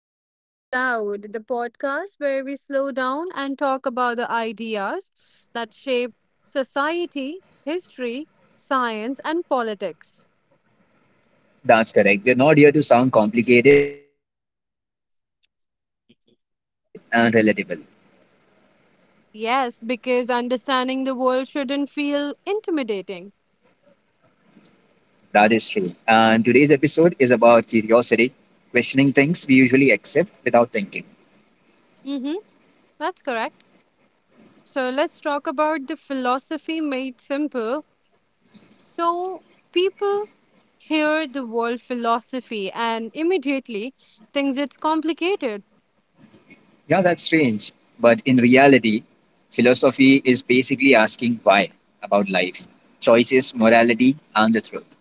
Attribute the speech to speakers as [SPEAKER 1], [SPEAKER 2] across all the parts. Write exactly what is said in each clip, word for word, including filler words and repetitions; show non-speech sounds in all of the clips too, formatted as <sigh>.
[SPEAKER 1] to Thinking Aloud, the podcast where we slow down and talk about the ideas that shape society, history, science, and politics.
[SPEAKER 2] That's correct. We're not here to sound complicated. We're here to make big ideas simple and relatable.
[SPEAKER 1] Yes, because understanding the world shouldn't feel intimidating.
[SPEAKER 2] That is true. And today's episode is about curiosity, questioning things we usually accept without thinking.
[SPEAKER 1] Mm-hmm, that's correct. So let's talk about the philosophy made simple. So people hear the word philosophy and immediately thinks it's complicated,
[SPEAKER 2] Yeah, that's strange. But in reality, philosophy is basically asking why about life, choices, morality, and the truth.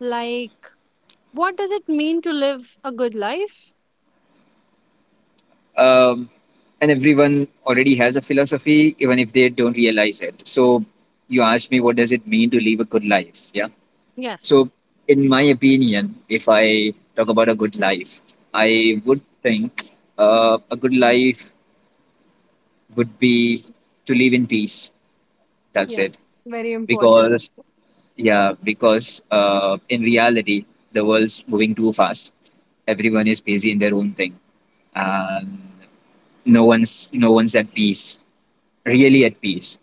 [SPEAKER 1] like, what does it mean to live a good life?
[SPEAKER 2] Um, and everyone already has a philosophy, even if they don't realize it. So you asked me, what does it mean to live a good life? Yeah.
[SPEAKER 1] Yes.
[SPEAKER 2] So, in my opinion, if I talk about a good life, I would think uh, a good life would be to live in peace. That's it.
[SPEAKER 1] Yes, very important.
[SPEAKER 2] Because, yeah, because uh, in reality, the world's moving too fast. Everyone is busy in their own thing, and no one's no one's at peace, really at peace.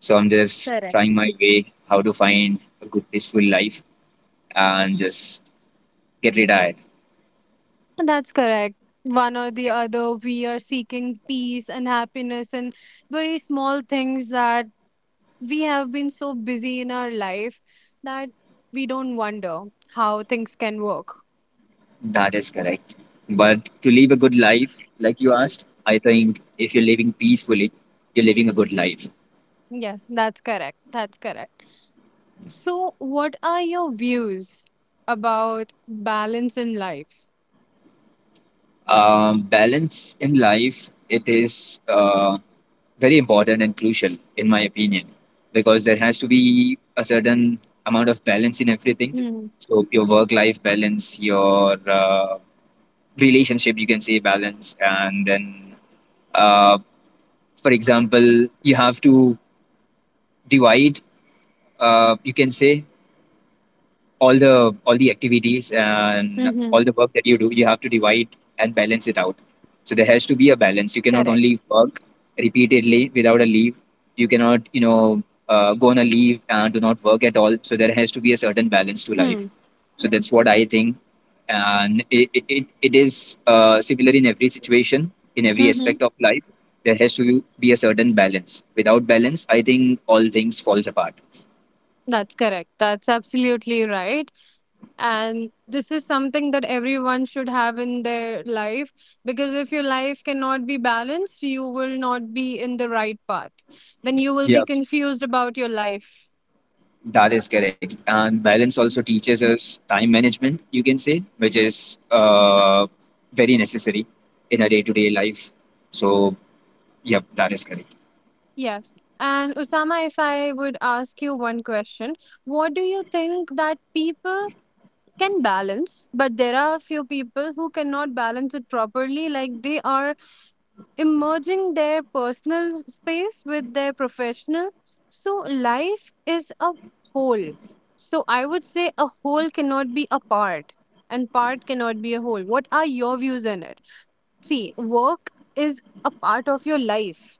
[SPEAKER 2] So I'm just trying
[SPEAKER 1] Correct.
[SPEAKER 2] my way how to find a good peaceful life and just get retired.
[SPEAKER 1] That's correct. One or the other, we are seeking peace and happiness and very small things that we have been so busy in our life that we don't wonder how things can work.
[SPEAKER 2] That is correct. But to live a good life, like you asked, I think if you're living peacefully, you're living a good life.
[SPEAKER 1] Yes, that's correct. That's correct. So, what are your views about balance in life?
[SPEAKER 2] Um, balance in life, it is uh, very important and crucial, in my opinion, because there has to be a certain amount of balance in everything.
[SPEAKER 1] Mm-hmm.
[SPEAKER 2] So your work-life balance, your uh, relationship, you can say balance, and then, uh, for example, you have to divide. Uh, you can say all the all the activities and all the work that you do, you have to divide and balance it out. So there has to be a balance. You cannot only
[SPEAKER 1] Correct.
[SPEAKER 2] work repeatedly without a leave. You cannot, you know uh, go on a leave and do not work at all. So there has to be a certain balance to life.
[SPEAKER 1] Hmm.
[SPEAKER 2] So that's what I think, and it, it, it it is uh, similar in every situation, in every
[SPEAKER 1] Mm-hmm.
[SPEAKER 2] aspect of life. There has to be a certain balance. Without balance, I think all things falls apart.
[SPEAKER 1] That's correct. That's absolutely right. And this is something that everyone should have in their life because if your life cannot be balanced, you will not be in the right path. Then you will be
[SPEAKER 2] Yeah.
[SPEAKER 1] confused about your life.
[SPEAKER 2] That is correct. And balance also teaches us time management, you can say, which is uh, very necessary in a day to day life. So, yep, that is correct.
[SPEAKER 1] Yes. And Osama, if I would ask you one question, what do you think that people can balance, but there are a few people who cannot balance it properly? Like they are emerging their personal space with their professional. So life is a whole. So I would say a whole cannot be a part and part cannot be a whole. What are your views on it? See, work is a part of your life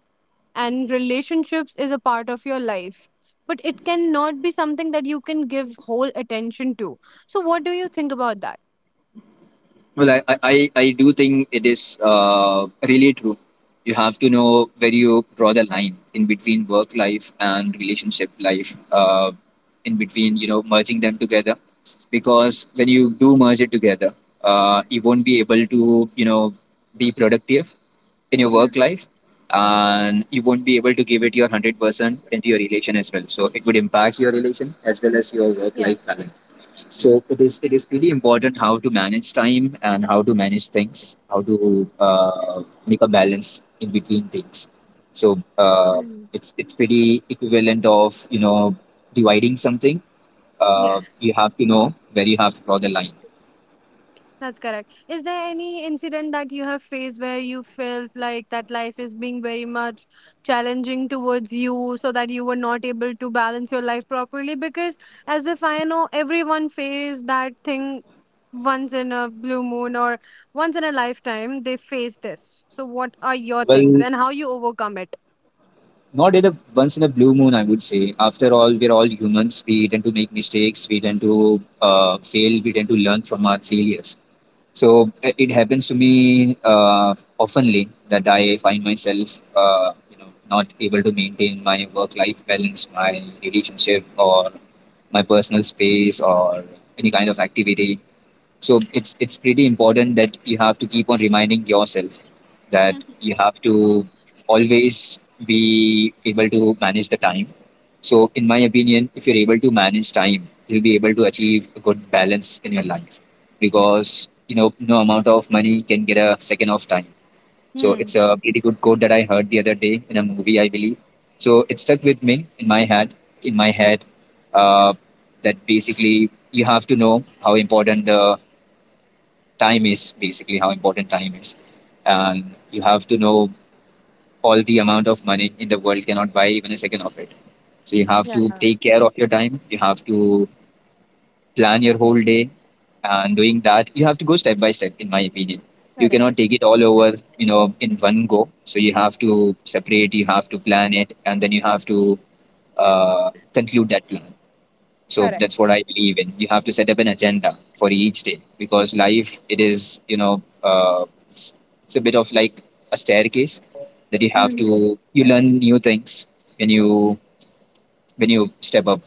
[SPEAKER 1] and relationships is a part of your life. But it cannot be something that you can give whole attention to. So what do you think about that?
[SPEAKER 2] Well, I, I, I I do think it is uh, really true. You have to know where you draw the line in between work life and relationship life, uh, in between, you know, merging them together. Because when you do merge it together, uh, you won't be able to, you know, be productive in your work
[SPEAKER 1] Mm.
[SPEAKER 2] life, and you won't be able to give it your one hundred percent into your relation as well. So it would impact your relation as well as your work life
[SPEAKER 1] Yes.
[SPEAKER 2] balance. So it is, it is pretty important how to manage time and how to manage things, how to uh, make a balance in between things. So uh,
[SPEAKER 1] Mm.
[SPEAKER 2] it's it's pretty equivalent of, you know dividing something. Uh,
[SPEAKER 1] Yes.
[SPEAKER 2] you have to know where you have to draw the line.
[SPEAKER 1] That's correct. Is there any incident that you have faced where you felt like that life is being very much challenging towards you so that you were not able to balance your life properly? Because, as if I know, everyone face that thing once in a blue moon or once in a lifetime, they face this. So, what are your things
[SPEAKER 2] Well,
[SPEAKER 1] and how you overcome it?
[SPEAKER 2] not in a once in a blue moon, I would say. After all, we're all humans. We tend to make mistakes. We tend to uh, fail. We tend to learn from our failures. So uh, it happens to me uh, oftenly that I find myself, uh, you know, not able to maintain my work-life balance, my relationship, or my personal space, or any kind of activity. So it's it's pretty important that you have to keep on reminding yourself that
[SPEAKER 1] Mhm.
[SPEAKER 2] you have to always be able to manage the time. So in my opinion, if you're able to manage time, you'll be able to achieve a good balance in your life because, you know, no amount of money can get a second of time. So it's
[SPEAKER 1] Hmm.
[SPEAKER 2] a pretty good quote that I heard the other day in a movie, I believe. So it stuck with me in my head, in my head, uh, that basically you have to know how important the time is, basically how important time is. And you have to know all the amount of money in the world cannot buy even a second of it. So you have
[SPEAKER 1] Yeah,
[SPEAKER 2] to take care of your time. You have to plan your whole day. And doing that, you have to go step by step, in my opinion. You
[SPEAKER 1] correct,
[SPEAKER 2] cannot take it all over, you know, in one go. So you have to separate, you have to plan it, and then you have to uh, conclude that plan. So that's
[SPEAKER 1] correct.
[SPEAKER 2] what I believe in. You have to set up an agenda for each day because life, it is, you know, uh, it's, it's a bit of like a staircase that you have
[SPEAKER 1] Mhm.
[SPEAKER 2] to, you learn new things when you, when you step up.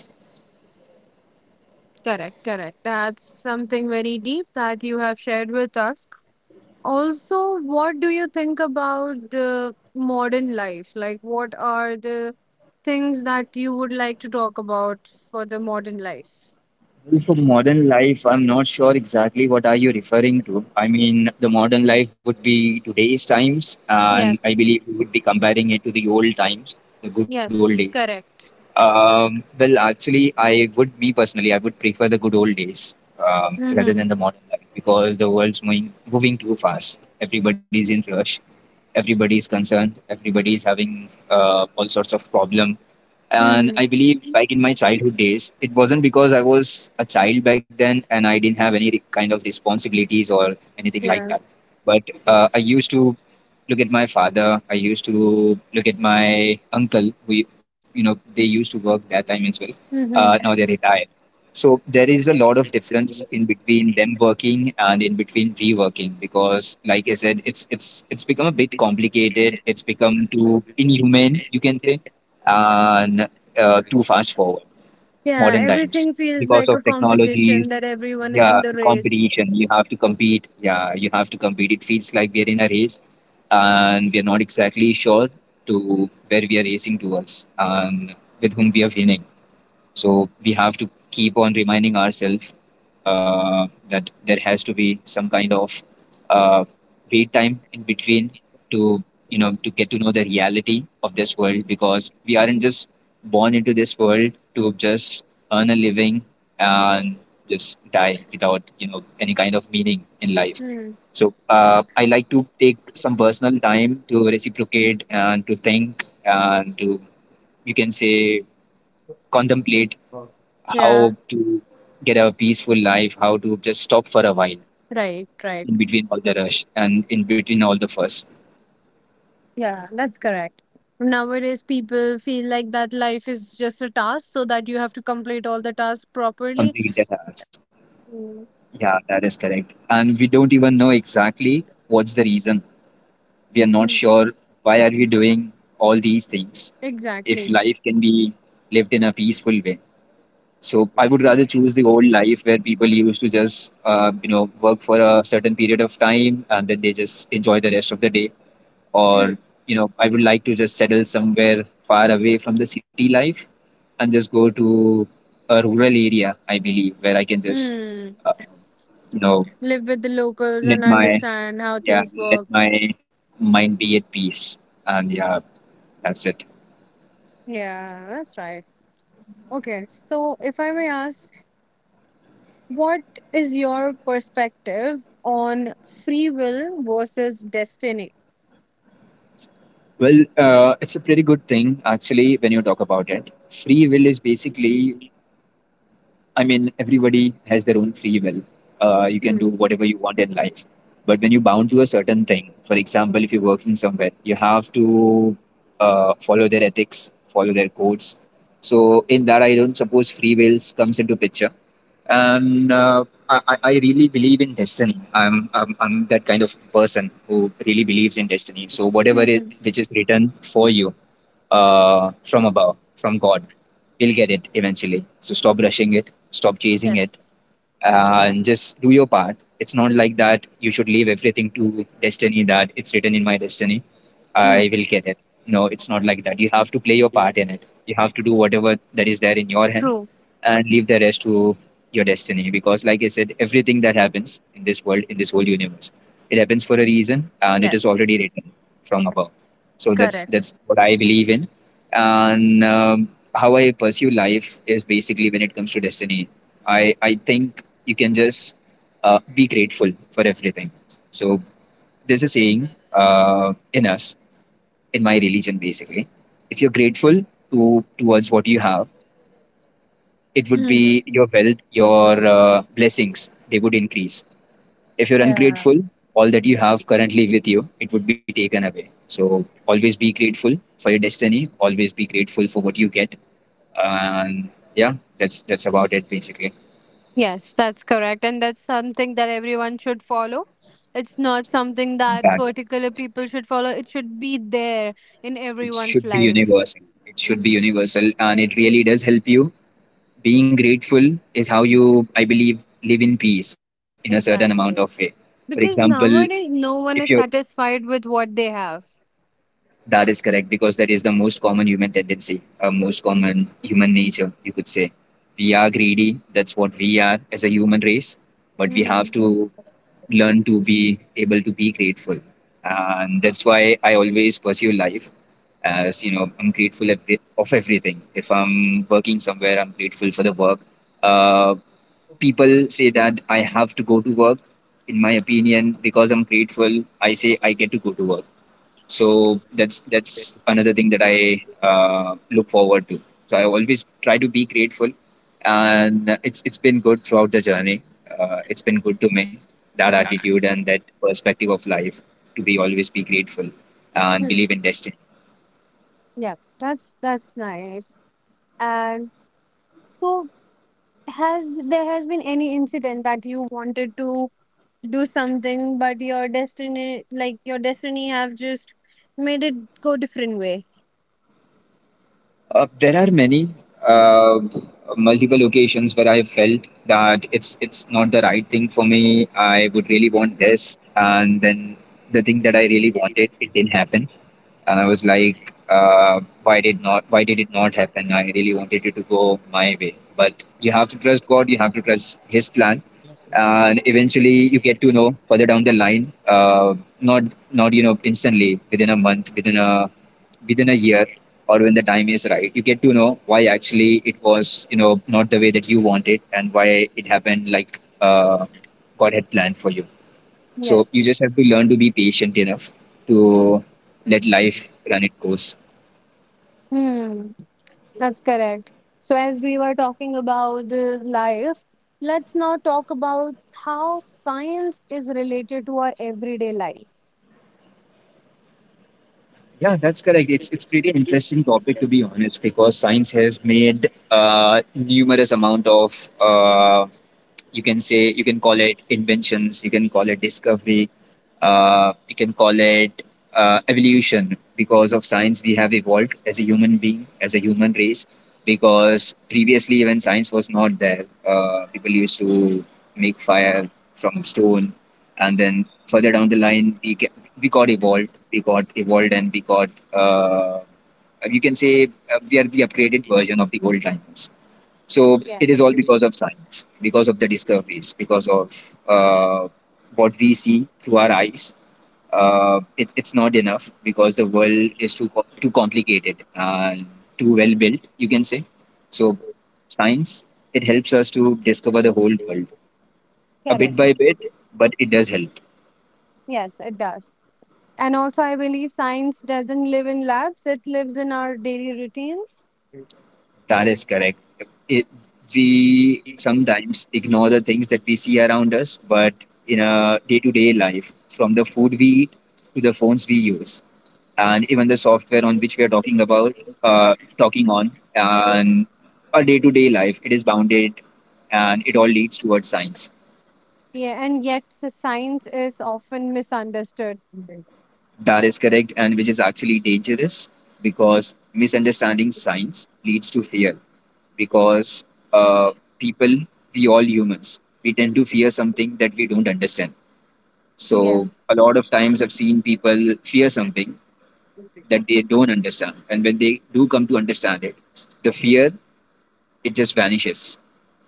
[SPEAKER 1] Correct, correct. That's something very deep that you have shared with us. Also, what do you think about the modern life? Like, what are the things that you would like to talk about for the modern life?
[SPEAKER 2] Well, for modern life, I'm not sure exactly what are you referring to. I mean, the modern life would be today's times, and I
[SPEAKER 1] Yes,
[SPEAKER 2] believe we would be comparing it to the old times, the good old
[SPEAKER 1] yes,
[SPEAKER 2] days.
[SPEAKER 1] correct.
[SPEAKER 2] Um, well, actually, I would, me personally, I would prefer the good old days um, rather
[SPEAKER 1] Mm-hmm.
[SPEAKER 2] than the modern life because the world's moving, moving too fast. Everybody's in rush. Everybody's concerned. Everybody's having uh, all sorts of problem. And
[SPEAKER 1] Mm-hmm.
[SPEAKER 2] I believe back in my childhood days, it wasn't, because I was a child back then and I didn't have any re- kind of responsibilities or anything like
[SPEAKER 1] Yeah.
[SPEAKER 2] that. But uh, I used to look at my father. I used to look at my uncle. We, you know, they used to work that time as well. Uh,
[SPEAKER 1] Mm-hmm.
[SPEAKER 2] now they're retired. So there is a lot of difference in between them working and in between we working because, like I said, it's it's it's become a bit complicated. It's become too inhumane, you can say. And uh, too fast forward
[SPEAKER 1] Yeah.
[SPEAKER 2] modern times
[SPEAKER 1] Everything feels
[SPEAKER 2] because
[SPEAKER 1] like a
[SPEAKER 2] of technologies.
[SPEAKER 1] competition that everyone is
[SPEAKER 2] Yeah,
[SPEAKER 1] in the race.
[SPEAKER 2] competition, you have to compete. Yeah, you have to compete. It feels like we're in a race, and we're not exactly sure to where we are racing towards and with whom we are winning. So we have to keep on reminding ourselves uh, that there has to be some kind of uh, wait time in between, to, you know, to get to know the reality of this world, because we aren't just born into this world to just earn a living and just die without, you know, any kind of meaning in life.
[SPEAKER 1] Mm.
[SPEAKER 2] So uh, I like to take some personal time to reciprocate and to think and to, you can say, contemplate
[SPEAKER 1] Yeah,
[SPEAKER 2] how to get a peaceful life, how to just stop for a while
[SPEAKER 1] right, right.
[SPEAKER 2] in between all the rush and in between all the fuss,
[SPEAKER 1] Yeah, that's correct. Nowadays, people feel like that life is just a task, so that you have to complete all the tasks properly.
[SPEAKER 2] complete the task. Yeah, that is correct. And we don't even know exactly what's the reason. We are not
[SPEAKER 1] Mhm.
[SPEAKER 2] sure why are we doing all these things if
[SPEAKER 1] Exactly.
[SPEAKER 2] life can be lived in a peaceful way. So I would rather choose the old life where people used to just uh, you know work for a certain period of time and then they just enjoy the rest of the day. Or,
[SPEAKER 1] <clears throat>
[SPEAKER 2] you know, I would like to just settle somewhere far away from the city life and just go to a rural area, I believe, where I can just
[SPEAKER 1] Hmm.
[SPEAKER 2] uh, you know
[SPEAKER 1] Live with the locals
[SPEAKER 2] let
[SPEAKER 1] and
[SPEAKER 2] my
[SPEAKER 1] understand how
[SPEAKER 2] yeah,
[SPEAKER 1] things
[SPEAKER 2] let
[SPEAKER 1] work.
[SPEAKER 2] my mind be at peace. And yeah, that's it.
[SPEAKER 1] Yeah, that's right. Okay, so if I may ask, what is your perspective on free will versus destiny?
[SPEAKER 2] Well, uh, it's a pretty good thing actually when you talk about it. Free will is basically, I mean, everybody has their own free will. Uh, you can
[SPEAKER 1] Hmm.
[SPEAKER 2] do whatever you want in life. But when you're bound to a certain thing, for example, if you're working somewhere, you have to uh, follow their ethics, follow their codes. So in that, I don't suppose free wills comes into picture. And uh, I, I I really believe in destiny. I'm, I'm I'm that kind of person who really believes in destiny. So whatever it
[SPEAKER 1] Mhm.
[SPEAKER 2] which is written for you, uh, from above, from God. We'll get it eventually. So stop rushing it, stop chasing it,
[SPEAKER 1] Yes.
[SPEAKER 2] uh, and just do your part. It's not like that you should leave everything to destiny, that it's written in my destiny.
[SPEAKER 1] Hmm.
[SPEAKER 2] I will get it. No, it's not like that. You have to play your part in it. You have to do whatever that is there in your hand
[SPEAKER 1] True.
[SPEAKER 2] and leave the rest to your destiny. Because, like I said, everything that happens in this world, in this whole universe, it happens for a reason and it is
[SPEAKER 1] Yes.
[SPEAKER 2] already written from above. So that's
[SPEAKER 1] Correct.
[SPEAKER 2] that's what I believe in, and um, how I pursue life is basically when it comes to destiny. I I think you can just uh, be grateful for everything. So there's a saying uh, in us, in my religion, basically, if you're grateful to towards what you have, it would be your wealth, your uh, blessings, they would increase. If you're ungrateful, all that you have currently with you, it would be taken away. So always be grateful for your destiny. Always be grateful for what you get. And yeah, that's that's about it basically.
[SPEAKER 1] Yes, that's correct. And that's something that everyone should follow. It's not something that
[SPEAKER 2] That
[SPEAKER 1] particular people should follow. It should be there in
[SPEAKER 2] It
[SPEAKER 1] everyone's
[SPEAKER 2] should be
[SPEAKER 1] life.
[SPEAKER 2] universal. It should be universal, and it really does help you. Being grateful is how you, I believe, live in peace in a certain amount of way.
[SPEAKER 1] Exactly.
[SPEAKER 2] For
[SPEAKER 1] Because
[SPEAKER 2] example,
[SPEAKER 1] nowadays
[SPEAKER 2] if
[SPEAKER 1] no
[SPEAKER 2] you're
[SPEAKER 1] one is satisfied with what they have.
[SPEAKER 2] that is correct because that is the most common human tendency, uh, most common human nature, you could say. We are greedy. That's what we are as a human race. But we have
[SPEAKER 1] Mm.
[SPEAKER 2] to learn to be able to be grateful. And that's why I always pursue life, as you know, I'm grateful every, of everything. If I'm working somewhere, I'm grateful for the work. Uh, People say that I have to go to work. In my opinion, because I'm grateful, I say I get to go to work, so that's that's another thing that I uh, look forward to. So I always try to be grateful, and it's it's been good throughout the journey. Uh, it's been good to me, that attitude and that perspective of life, to be always be grateful and
[SPEAKER 1] Hmm.
[SPEAKER 2] believe in destiny.
[SPEAKER 1] Yeah, that's that's nice. And so has there has been any incident that you wanted to do something but your destiny like your destiny have just made it go different way?
[SPEAKER 2] Uh, there are many uh, multiple occasions where I have felt that it's it's not the right thing for me. I would really want this, and then the thing that I really wanted, it didn't happen. And I was like, uh, why did not why did it not happen? I really wanted it to go my way, but you have to trust God. You have to trust His plan, and eventually you get to know further down the line. Uh, not not you know instantly, within a month, within a within a year, or when the time is right, you get to know why actually it was, you know, not the way that you wanted, and why it happened like, uh, God had planned for you. So
[SPEAKER 1] Yes.
[SPEAKER 2] you just have to learn to be patient enough to let life run its course.
[SPEAKER 1] Hmm. That's correct. So as we were talking about the life, let's now talk about how science is related to our everyday life.
[SPEAKER 2] Yeah, that's correct. It's it's pretty interesting topic to be honest, because science has made uh, numerous amount of uh, you can say, you can call it inventions, you can call it discovery, uh, you can call it uh, evolution. Because of science we have evolved as a human being, as a human race, because previously when science was not there, uh, people used to make fire from stone. And then further down the line we get, we got evolved, we got evolved and we got, uh, you can say, uh, we are the upgraded version of the old times. So it is
[SPEAKER 1] Yes.
[SPEAKER 2] all because of science, because of the discoveries, because of uh, what we see through our eyes. Uh, it, it's not enough because the world is too co- too complicated and too well built, you can say. So science, it helps us to discover the whole world a bit
[SPEAKER 1] Correct.
[SPEAKER 2] by bit, but it does help.
[SPEAKER 1] Yes, it does. And also, I believe science doesn't live in labs, it lives in our daily routines.
[SPEAKER 2] That is correct. It, we sometimes ignore the things that we see around us, but in a day to day life, from the food we eat to the phones we use, and even the software on which we are talking about, uh, talking on, and our day to day life, it is bounded and it all leads towards science.
[SPEAKER 1] Yeah, and yet s- science is often misunderstood.
[SPEAKER 2] That is correct, and which is actually dangerous because misunderstanding science leads to fear. because uh, people, we all humans, we tend to fear something that we don't understand. So,
[SPEAKER 1] Yes.
[SPEAKER 2] a lot of times I've seen people fear something that they don't understand. And when they do come to understand it, the fear, it just vanishes.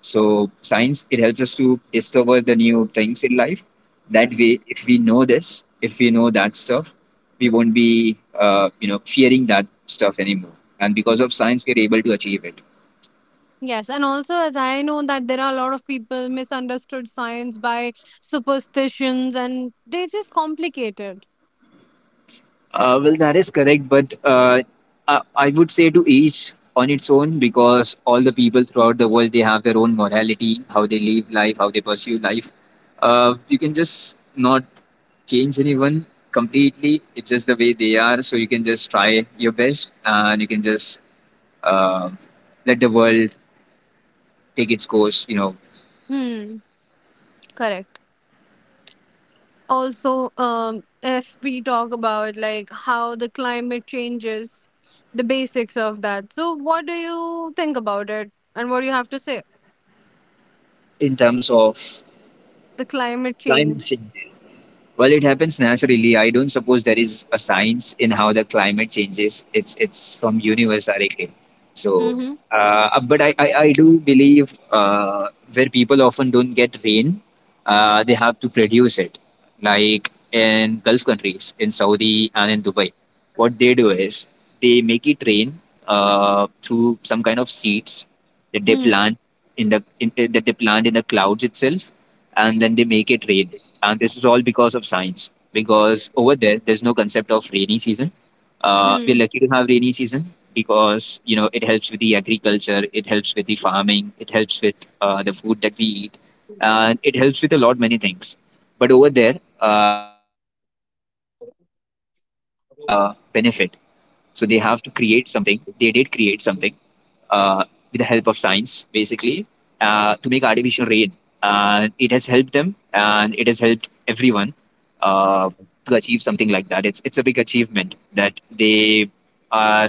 [SPEAKER 2] So, science, it helps us to discover the new things in life. That way, if we know this, if we know that stuff, we won't be, uh, you know, fearing that stuff anymore. And because of science, we're able to achieve it.
[SPEAKER 1] Yes, and also as I know that there are a lot of people misunderstood science by superstitions and they just complicate it.
[SPEAKER 2] Uh, well, that is correct, but uh, I, I would say to each on its own, because all the people throughout the world, they have their own morality, how they live life, how they pursue life. Uh, you can just not change anyone completely. It's just the way they are. So you can just try your best, and you can just uh, let the world take its course. You know,
[SPEAKER 1] Hmm, correct. Also, um, if we talk about, like, how the climate changes, the basics of that, so what do you think about it and what do you have to say?
[SPEAKER 2] in terms of
[SPEAKER 1] The climate
[SPEAKER 2] climate
[SPEAKER 1] change.
[SPEAKER 2] change. Well, it happens naturally. I don't suppose there is a science in how the climate changes. It's it's from universe directly. So,
[SPEAKER 1] Mm-hmm.
[SPEAKER 2] uh, uh, but I, I, I do believe uh, where people often don't get rain, uh, they have to produce it. Like in Gulf countries, in Saudi and in Dubai, what they do is they make it rain uh, through some kind of seeds that they
[SPEAKER 1] Hmm.
[SPEAKER 2] plant in the in, that they plant in the clouds itself, and then they make it rain. And this is all because of science, because over there there's no concept of rainy season. Uh, we're
[SPEAKER 1] Hmm.
[SPEAKER 2] lucky to have rainy season because, you know, it helps with the agriculture, it helps with the farming, it helps with uh, the food that we eat, and it helps with a lot many things. But over there, uh, they don't have that uh, benefit. So they have to create something. They did create something uh, with the help of science, basically, uh, to make artificial rain. And it has helped them, and it has helped everyone, uh, to achieve something like that. It's it's a big achievement that they are,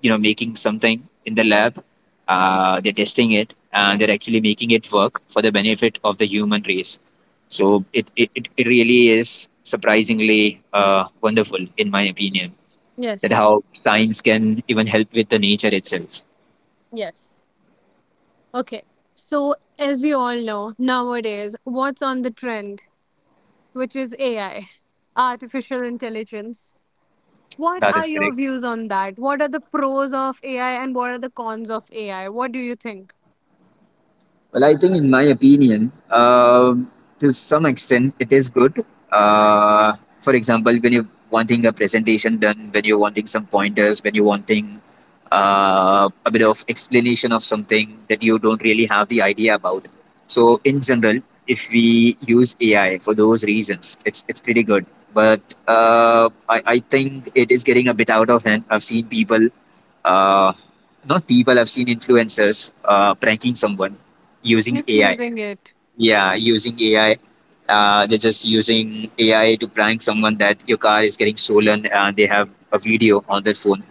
[SPEAKER 2] you know, making something in the lab. Uh, they're testing it, and they're actually making it work for the benefit of the human race. So it it, it it really is surprisingly uh, wonderful, in my opinion, that
[SPEAKER 1] Yes.
[SPEAKER 2] how science can even help with the nature itself.
[SPEAKER 1] Yes. Okay, so as we all know, nowadays, what's on the trend, which is AI, artificial intelligence. What
[SPEAKER 2] That
[SPEAKER 1] are
[SPEAKER 2] is
[SPEAKER 1] your
[SPEAKER 2] correct.
[SPEAKER 1] views on that? What are the pros of AI and what are the cons of AI? What do you think?
[SPEAKER 2] Well, I think, in my opinion, um, to some extent, it is good. Uh, for example, when you're wanting a presentation done, when you're wanting some pointers, when you're wanting uh, a bit of explanation of something that you don't really have the idea about. So, in general, if we use A I for those reasons, it's it's pretty good. But uh, I, I think it is getting a bit out of hand. I've seen people, uh, you know, people have seen influencers uh, pranking someone using A I.
[SPEAKER 1] Misusing it.
[SPEAKER 2] Yeah, using A I. Uh, they're just using A I to prank someone that your car is getting stolen. Uh, they have a video on their phone,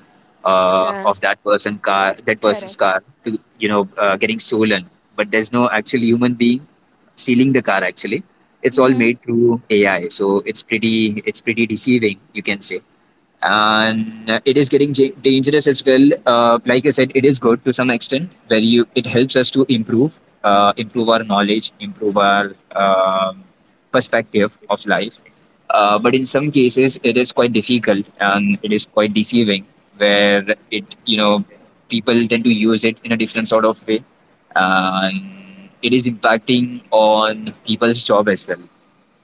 [SPEAKER 2] uh,
[SPEAKER 1] Yeah,
[SPEAKER 2] of that person car, that
[SPEAKER 1] correct.
[SPEAKER 2] person's car, to, you know, uh, getting stolen. But there's no actual human being stealing the car. Actually, it's all
[SPEAKER 1] Mm-hmm.
[SPEAKER 2] made through A I. So it's pretty, it's pretty deceiving, you can say. And uh, it is getting ja- dangerous as well. Uh, like I said, it is good to some extent where you, it helps us to improve, uh, improve our knowledge, improve our um, perspective of life. Uh, but in some cases it is quite difficult and it is quite deceiving, where, it, you know, people tend to use it in a different sort of way. And it is impacting on people's job as well.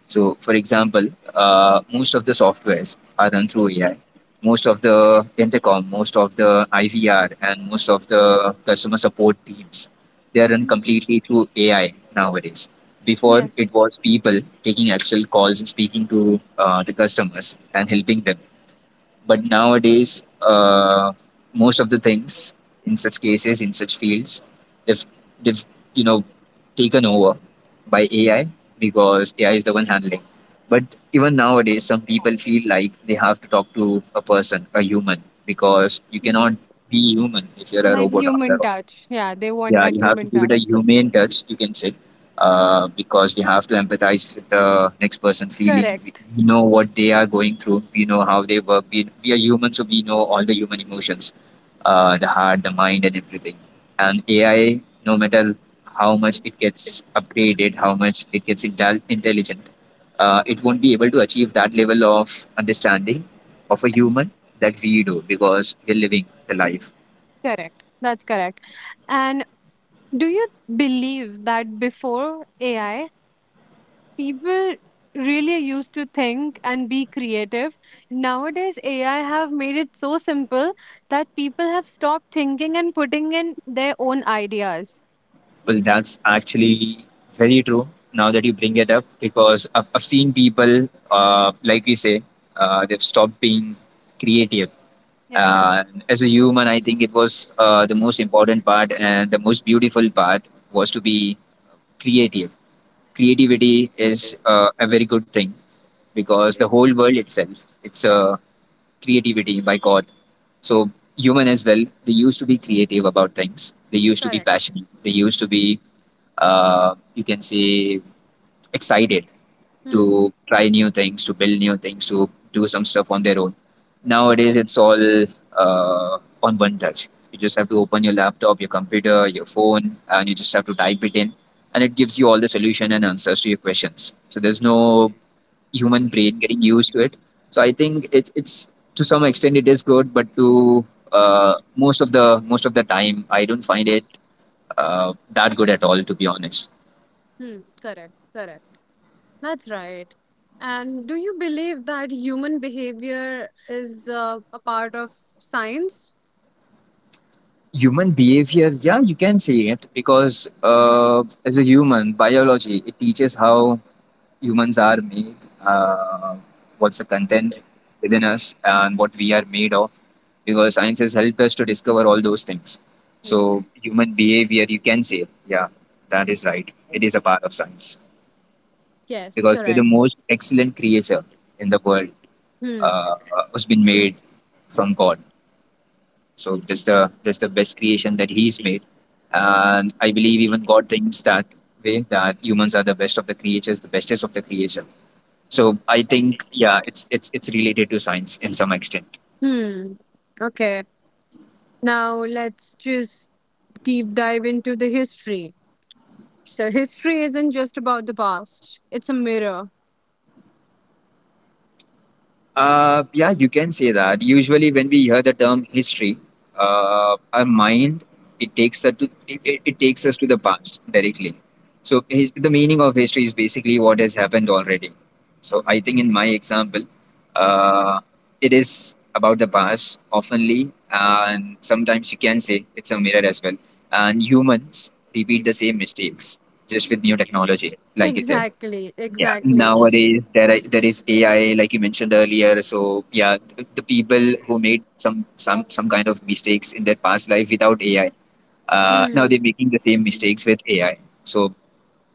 [SPEAKER 2] So, for example, uh, most of the softwares are run through A I. Most of the intercom, most of the I V R, and most of the customer support teams, they are run completely through A I nowadays. Before, it
[SPEAKER 1] Yes.
[SPEAKER 2] was people taking actual calls and speaking to uh, the customers and helping them. But nowadays, uh, most of the things, in such cases, in such fields, they've they've you know, taken over by AI, because AI is the one handling. But even nowadays some people feel like they have to talk to a person, a human, because you
[SPEAKER 1] Hmm.
[SPEAKER 2] cannot be human if you're a
[SPEAKER 1] Like
[SPEAKER 2] robot after
[SPEAKER 1] human
[SPEAKER 2] all.
[SPEAKER 1] touch. Yeah, they want
[SPEAKER 2] Yeah,
[SPEAKER 1] that
[SPEAKER 2] you have to
[SPEAKER 1] human
[SPEAKER 2] give it a
[SPEAKER 1] touch.
[SPEAKER 2] humane touch, you can say. Uh, because we have to empathize with the next person feeling, we
[SPEAKER 1] Correct.
[SPEAKER 2] we know what they are going through, we know how they work, we, we are human, so we know all the human emotions, uh, the heart, the mind, and everything. And AI, no matter how much it gets upgraded, how much it gets intel- intelligent, uh, it won't be able to achieve that level of understanding of a human that we do, because we're living the life.
[SPEAKER 1] Correct. That's correct. And do you believe that before A I, people really used to think and be creative? Nowadays, A I have made it so simple that people have stopped thinking and putting in their own ideas.
[SPEAKER 2] Well, that's actually very true now that you bring it up, because I've, I've seen people, uh, like we say, uh, they've stopped being creative.
[SPEAKER 1] Yes,
[SPEAKER 2] And as a human, I think it was, uh, the most important part and the most beautiful part was to be creative. Creativity is uh, a very good thing, because the whole world itself, it's a creativity by God. So human as well, they used to be creative about things. They used to be
[SPEAKER 1] correct.
[SPEAKER 2] passionate. They used to be uh, you can say excited
[SPEAKER 1] Hmm.
[SPEAKER 2] to try new things, to build new things, to do some stuff on their own. Nowadays, it's all uh, on one touch. You just have to open your laptop, your computer, your phone, and you just have to type it in, and it gives you all the solution and answers to your questions. So there's no human brain getting used to it. So I think it, it's to some extent it is good, but to uh, most of the most of the time, I don't find it uh, that good at all, to be honest.
[SPEAKER 1] Hmm. Correct. Correct. That's right. And do you believe that human behavior is uh, a part of science?
[SPEAKER 2] Human behavior, yeah, you can say it because uh, as a human biology it teaches how humans are made, uh, what's the content within us and what we are made of, because science has helped us to discover all those things. So
[SPEAKER 1] Hmm.
[SPEAKER 2] human behavior, you can say, yeah, that is right, it is a part of science
[SPEAKER 1] Yes,
[SPEAKER 2] because we're the
[SPEAKER 1] correct.
[SPEAKER 2] most excellent creature in the world.
[SPEAKER 1] Hmm.
[SPEAKER 2] uh, was been made from god. So that's the that's the best creation that he's made, and I believe even God thinks that way, that humans are the best of the creatures, the bestest of the creation. So I think yeah, it's it's it's related to science in some extent.
[SPEAKER 1] Hmm. Okay. Now let's just deep dive into the history. So history isn't just about the past. It's a mirror.
[SPEAKER 2] Uh, yeah, you can say that. Usually, when we hear the term history, uh, our mind, it takes us to it, it it takes us to the past directly. So his, the meaning of history is basically what has happened already. So I think in my example, uh, it is about the past oftenly, and sometimes you can say it's a mirror as well. And humans repeat the same mistakes just with new technology, like you said.
[SPEAKER 1] Exactly.
[SPEAKER 2] Yeah,
[SPEAKER 1] Exactly.
[SPEAKER 2] nowadays there are, there is A I, like you mentioned earlier. So yeah, th- the people who made some some some kind of mistakes in their past life without A I, uh, now
[SPEAKER 1] Hmm.
[SPEAKER 2] they're making the same mistakes with A I. So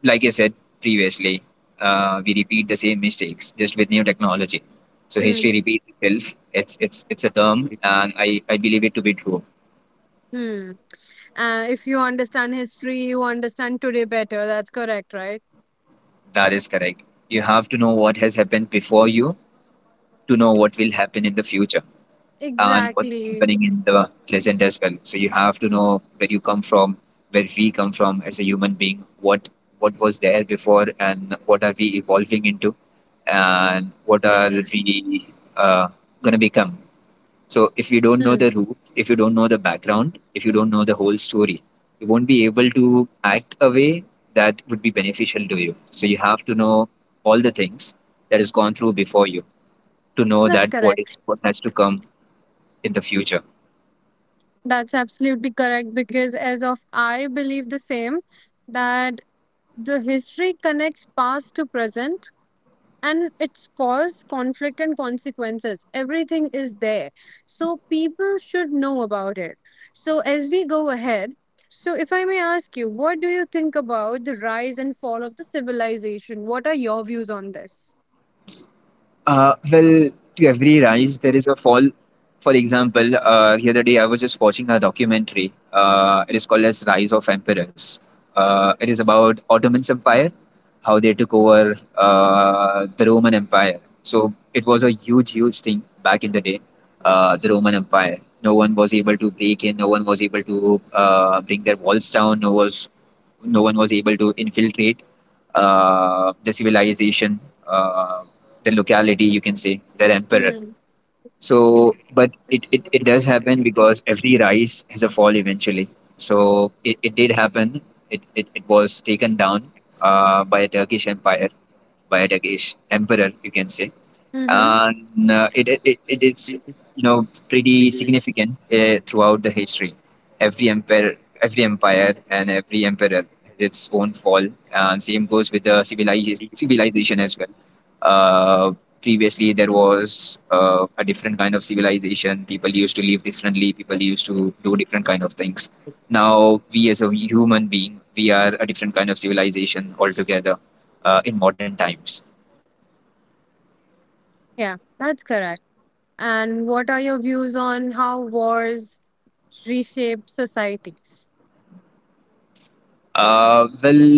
[SPEAKER 2] like I said previously, uh, we repeat the same mistakes just with new technology. So history
[SPEAKER 1] Hmm.
[SPEAKER 2] repeats itself. It's it's it's a term, and I I believe it to be true.
[SPEAKER 1] Hmm. Uh, if you understand history, you understand today better. That's correct, right?
[SPEAKER 2] That is correct. You have to know what has happened before you to know what will happen in the future. And what's
[SPEAKER 1] Exactly.
[SPEAKER 2] happening in the present as well. So you have to know where you come from, where we come from as a human being, what what was there before, and what are we evolving into, and what are we uh, gonna become. So if you don't know
[SPEAKER 1] Hmm.
[SPEAKER 2] the roots, if you don't know the background, if you don't know the whole story, you won't be able to act a way that would be beneficial to you. So you have to know all the things that has gone through before you to know
[SPEAKER 1] That's
[SPEAKER 2] that what is
[SPEAKER 1] correct.
[SPEAKER 2] what has to come in the future.
[SPEAKER 1] That's absolutely correct because as of I believe the same that the history connects past to present and its cause, conflict and consequences. Everything is there. So people should know about it. So as we go ahead, so if I may ask you, what do you think about the rise and fall of the civilization? What are your views on this?
[SPEAKER 2] Uh, well, to every rise, there is a fall. For example, uh, the other day I was just watching a documentary. Uh, it is called as Rise of Emperors. Uh, it is about Ottoman's Empire, how they took over uh, the Roman Empire. So it was a huge, huge thing back in the day, uh, the Roman Empire. No one was able to break in. No one was able to uh, bring their walls down. No was no one was able to infiltrate uh, the civilization, uh, the locality, you can say, their emperor.
[SPEAKER 1] Mm.
[SPEAKER 2] So, but it, it, it does happen because every rise has a fall eventually. So it, it did happen. It, it, it was taken down uh, by a Turkish empire, by a Turkish emperor, you can say,
[SPEAKER 1] Mm-hmm.
[SPEAKER 2] and uh, it, it it is, you know, pretty significant uh, throughout the history. Every empire, every empire, and every emperor has its own fall, and same goes with the civilization civilization as well. Uh, Previously, there was uh, a different kind of civilization. People used to live differently. People used to do different kind of things. Now, we as a human being, we are a different kind of civilization altogether uh, in modern times.
[SPEAKER 1] Yeah, that's correct. And what are your views on how wars reshaped societies.
[SPEAKER 2] Uh, well,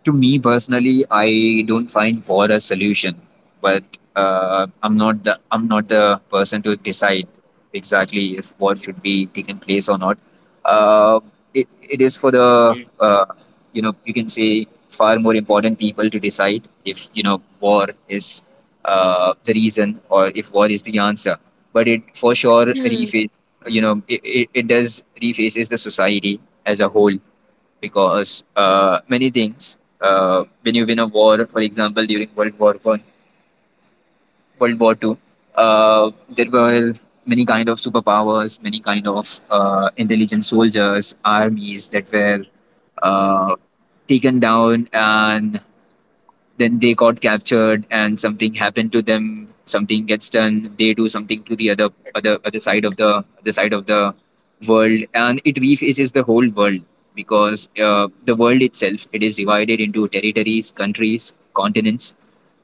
[SPEAKER 2] to me personally, I don't find war a solution, but uh, I'm not the I'm not the person to decide exactly if war should be taken place or not. Uh, it it is for the uh, you know, you can say, far more important people to decide if, you know, war is uh, the reason or if war is the answer. But it for sure
[SPEAKER 1] <clears throat>
[SPEAKER 2] reface, you know, it, it, it does refaces the society as a whole because uh, many things, uh, when you win a war, for example, during world war one, world war two, uh, there were many kind of superpowers, many kind of uh, intelligent soldiers, armies that were uh, taken down, and then they got captured, and something happened to them, something gets done, they do something to the other other other side of the other side of the, world and it refaces the whole world because uh, the world itself, it is divided into territories, countries, continents.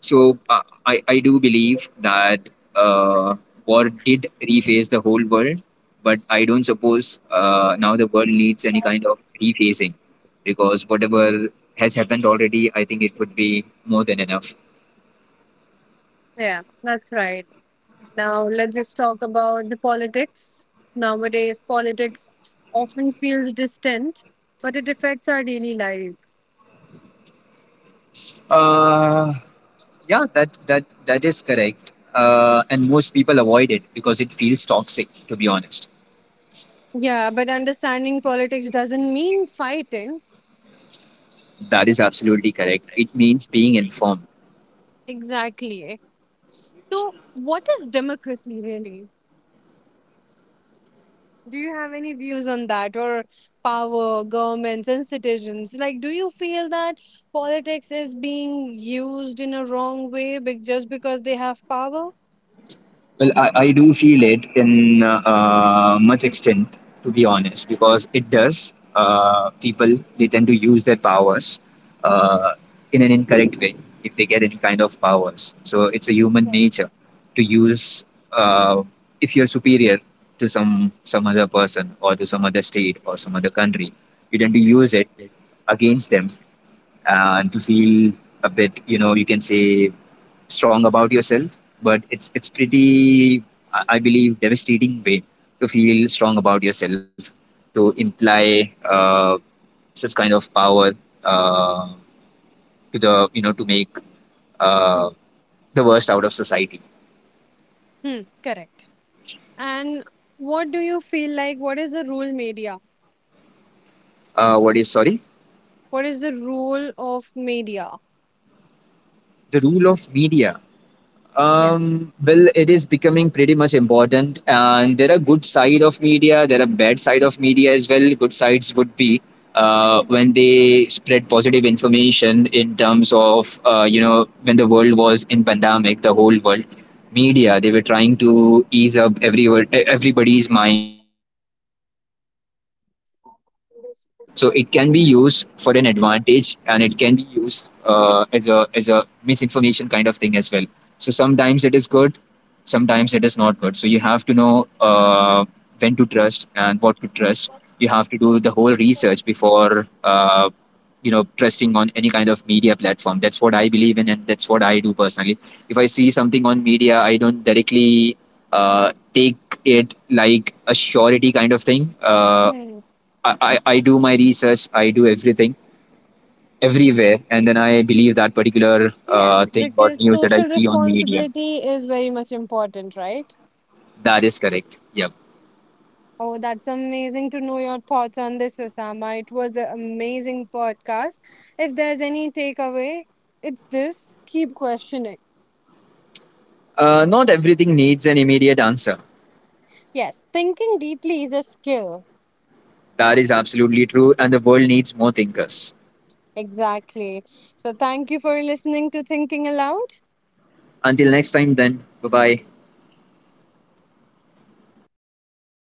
[SPEAKER 2] So uh, i i do believe that uh, war did reface the whole world, but I don't suppose uh, now the world needs any kind
[SPEAKER 1] Hmm.
[SPEAKER 2] of refacing because whatever has happened already, I think it would be more than enough.
[SPEAKER 1] Yeah, that's right. Now let's just talk about the politics. Nowadays, politics often feels distant, but it affects our daily lives.
[SPEAKER 2] Uh, yeah, that that that is correct. Uh, and most people avoid it because it feels toxic. To be honest,
[SPEAKER 1] Yeah, but understanding politics doesn't mean fighting.
[SPEAKER 2] that is absolutely correct. It means being informed.
[SPEAKER 1] Exactly. So, what is democracy really? Do you have any views on that or power, governments, and citizens? Like, do you feel that politics is being used in a wrong way be- just because they have power?
[SPEAKER 2] Well, I, I do feel it in uh, uh, much extent, to be honest, because it does. Uh, people, they tend to use their powers uh, in an incorrect way if they get any kind of powers. So it's a human nature to use, uh, if you're superior to some some other person or to some other state or some other country, you tend to use it against them, and to feel a bit, you know, you can say, strong about yourself. But it's it's pretty, i I believe, devastating way to feel strong about yourself, to imply uh, such kind of power uh, to the, you know, to make uh,
[SPEAKER 1] Mm.
[SPEAKER 2] the worst out of society.
[SPEAKER 1] Hmm, correct. And what do you feel like? What is the role media?
[SPEAKER 2] Uh, what is, sorry?
[SPEAKER 1] What is the role of media?
[SPEAKER 2] The rule of media. Um,
[SPEAKER 1] Yes.
[SPEAKER 2] well, it is becoming pretty much important, and there are good side of media. There are bad side of media as well. Good sides would be uh, when they spread positive information in terms of, uh, you know, when the world was in pandemic, the whole world, media, they were trying to ease up everyone everybody's mind uh, using their platform. So it can be used for an advantage, and it can be used uh, as a as a misinformation kind of thing as well. So sometimes it is good, sometimes it is not good. So you have to know uh, when to trust and what to trust. You have to do the whole research before uh, you know, trusting on any kind of media platform. That's what I believe in, and that's what I do personally. If I see something on media, I don't directly uh, take it like a surety kind of thing. Uh,
[SPEAKER 1] Hmm.
[SPEAKER 2] I, I, I do my research, I do everything everywhere, and then I believe that particular uh,
[SPEAKER 1] Yes,
[SPEAKER 2] thing or
[SPEAKER 1] because
[SPEAKER 2] news that I
[SPEAKER 1] social
[SPEAKER 2] see on media.
[SPEAKER 1] responsibility is very much important, right?
[SPEAKER 2] That is correct. Yep.
[SPEAKER 1] Oh, that's amazing to know your thoughts on this, Osama. It was an amazing podcast. If there's any takeaway, it's this: keep questioning.
[SPEAKER 2] Uh, not everything needs an immediate answer.
[SPEAKER 1] Yes, thinking deeply is a skill.
[SPEAKER 2] That is absolutely true, and the world needs more thinkers.
[SPEAKER 1] Exactly. So, thank you for listening to Thinking Aloud.
[SPEAKER 2] Until next time, then, bye bye.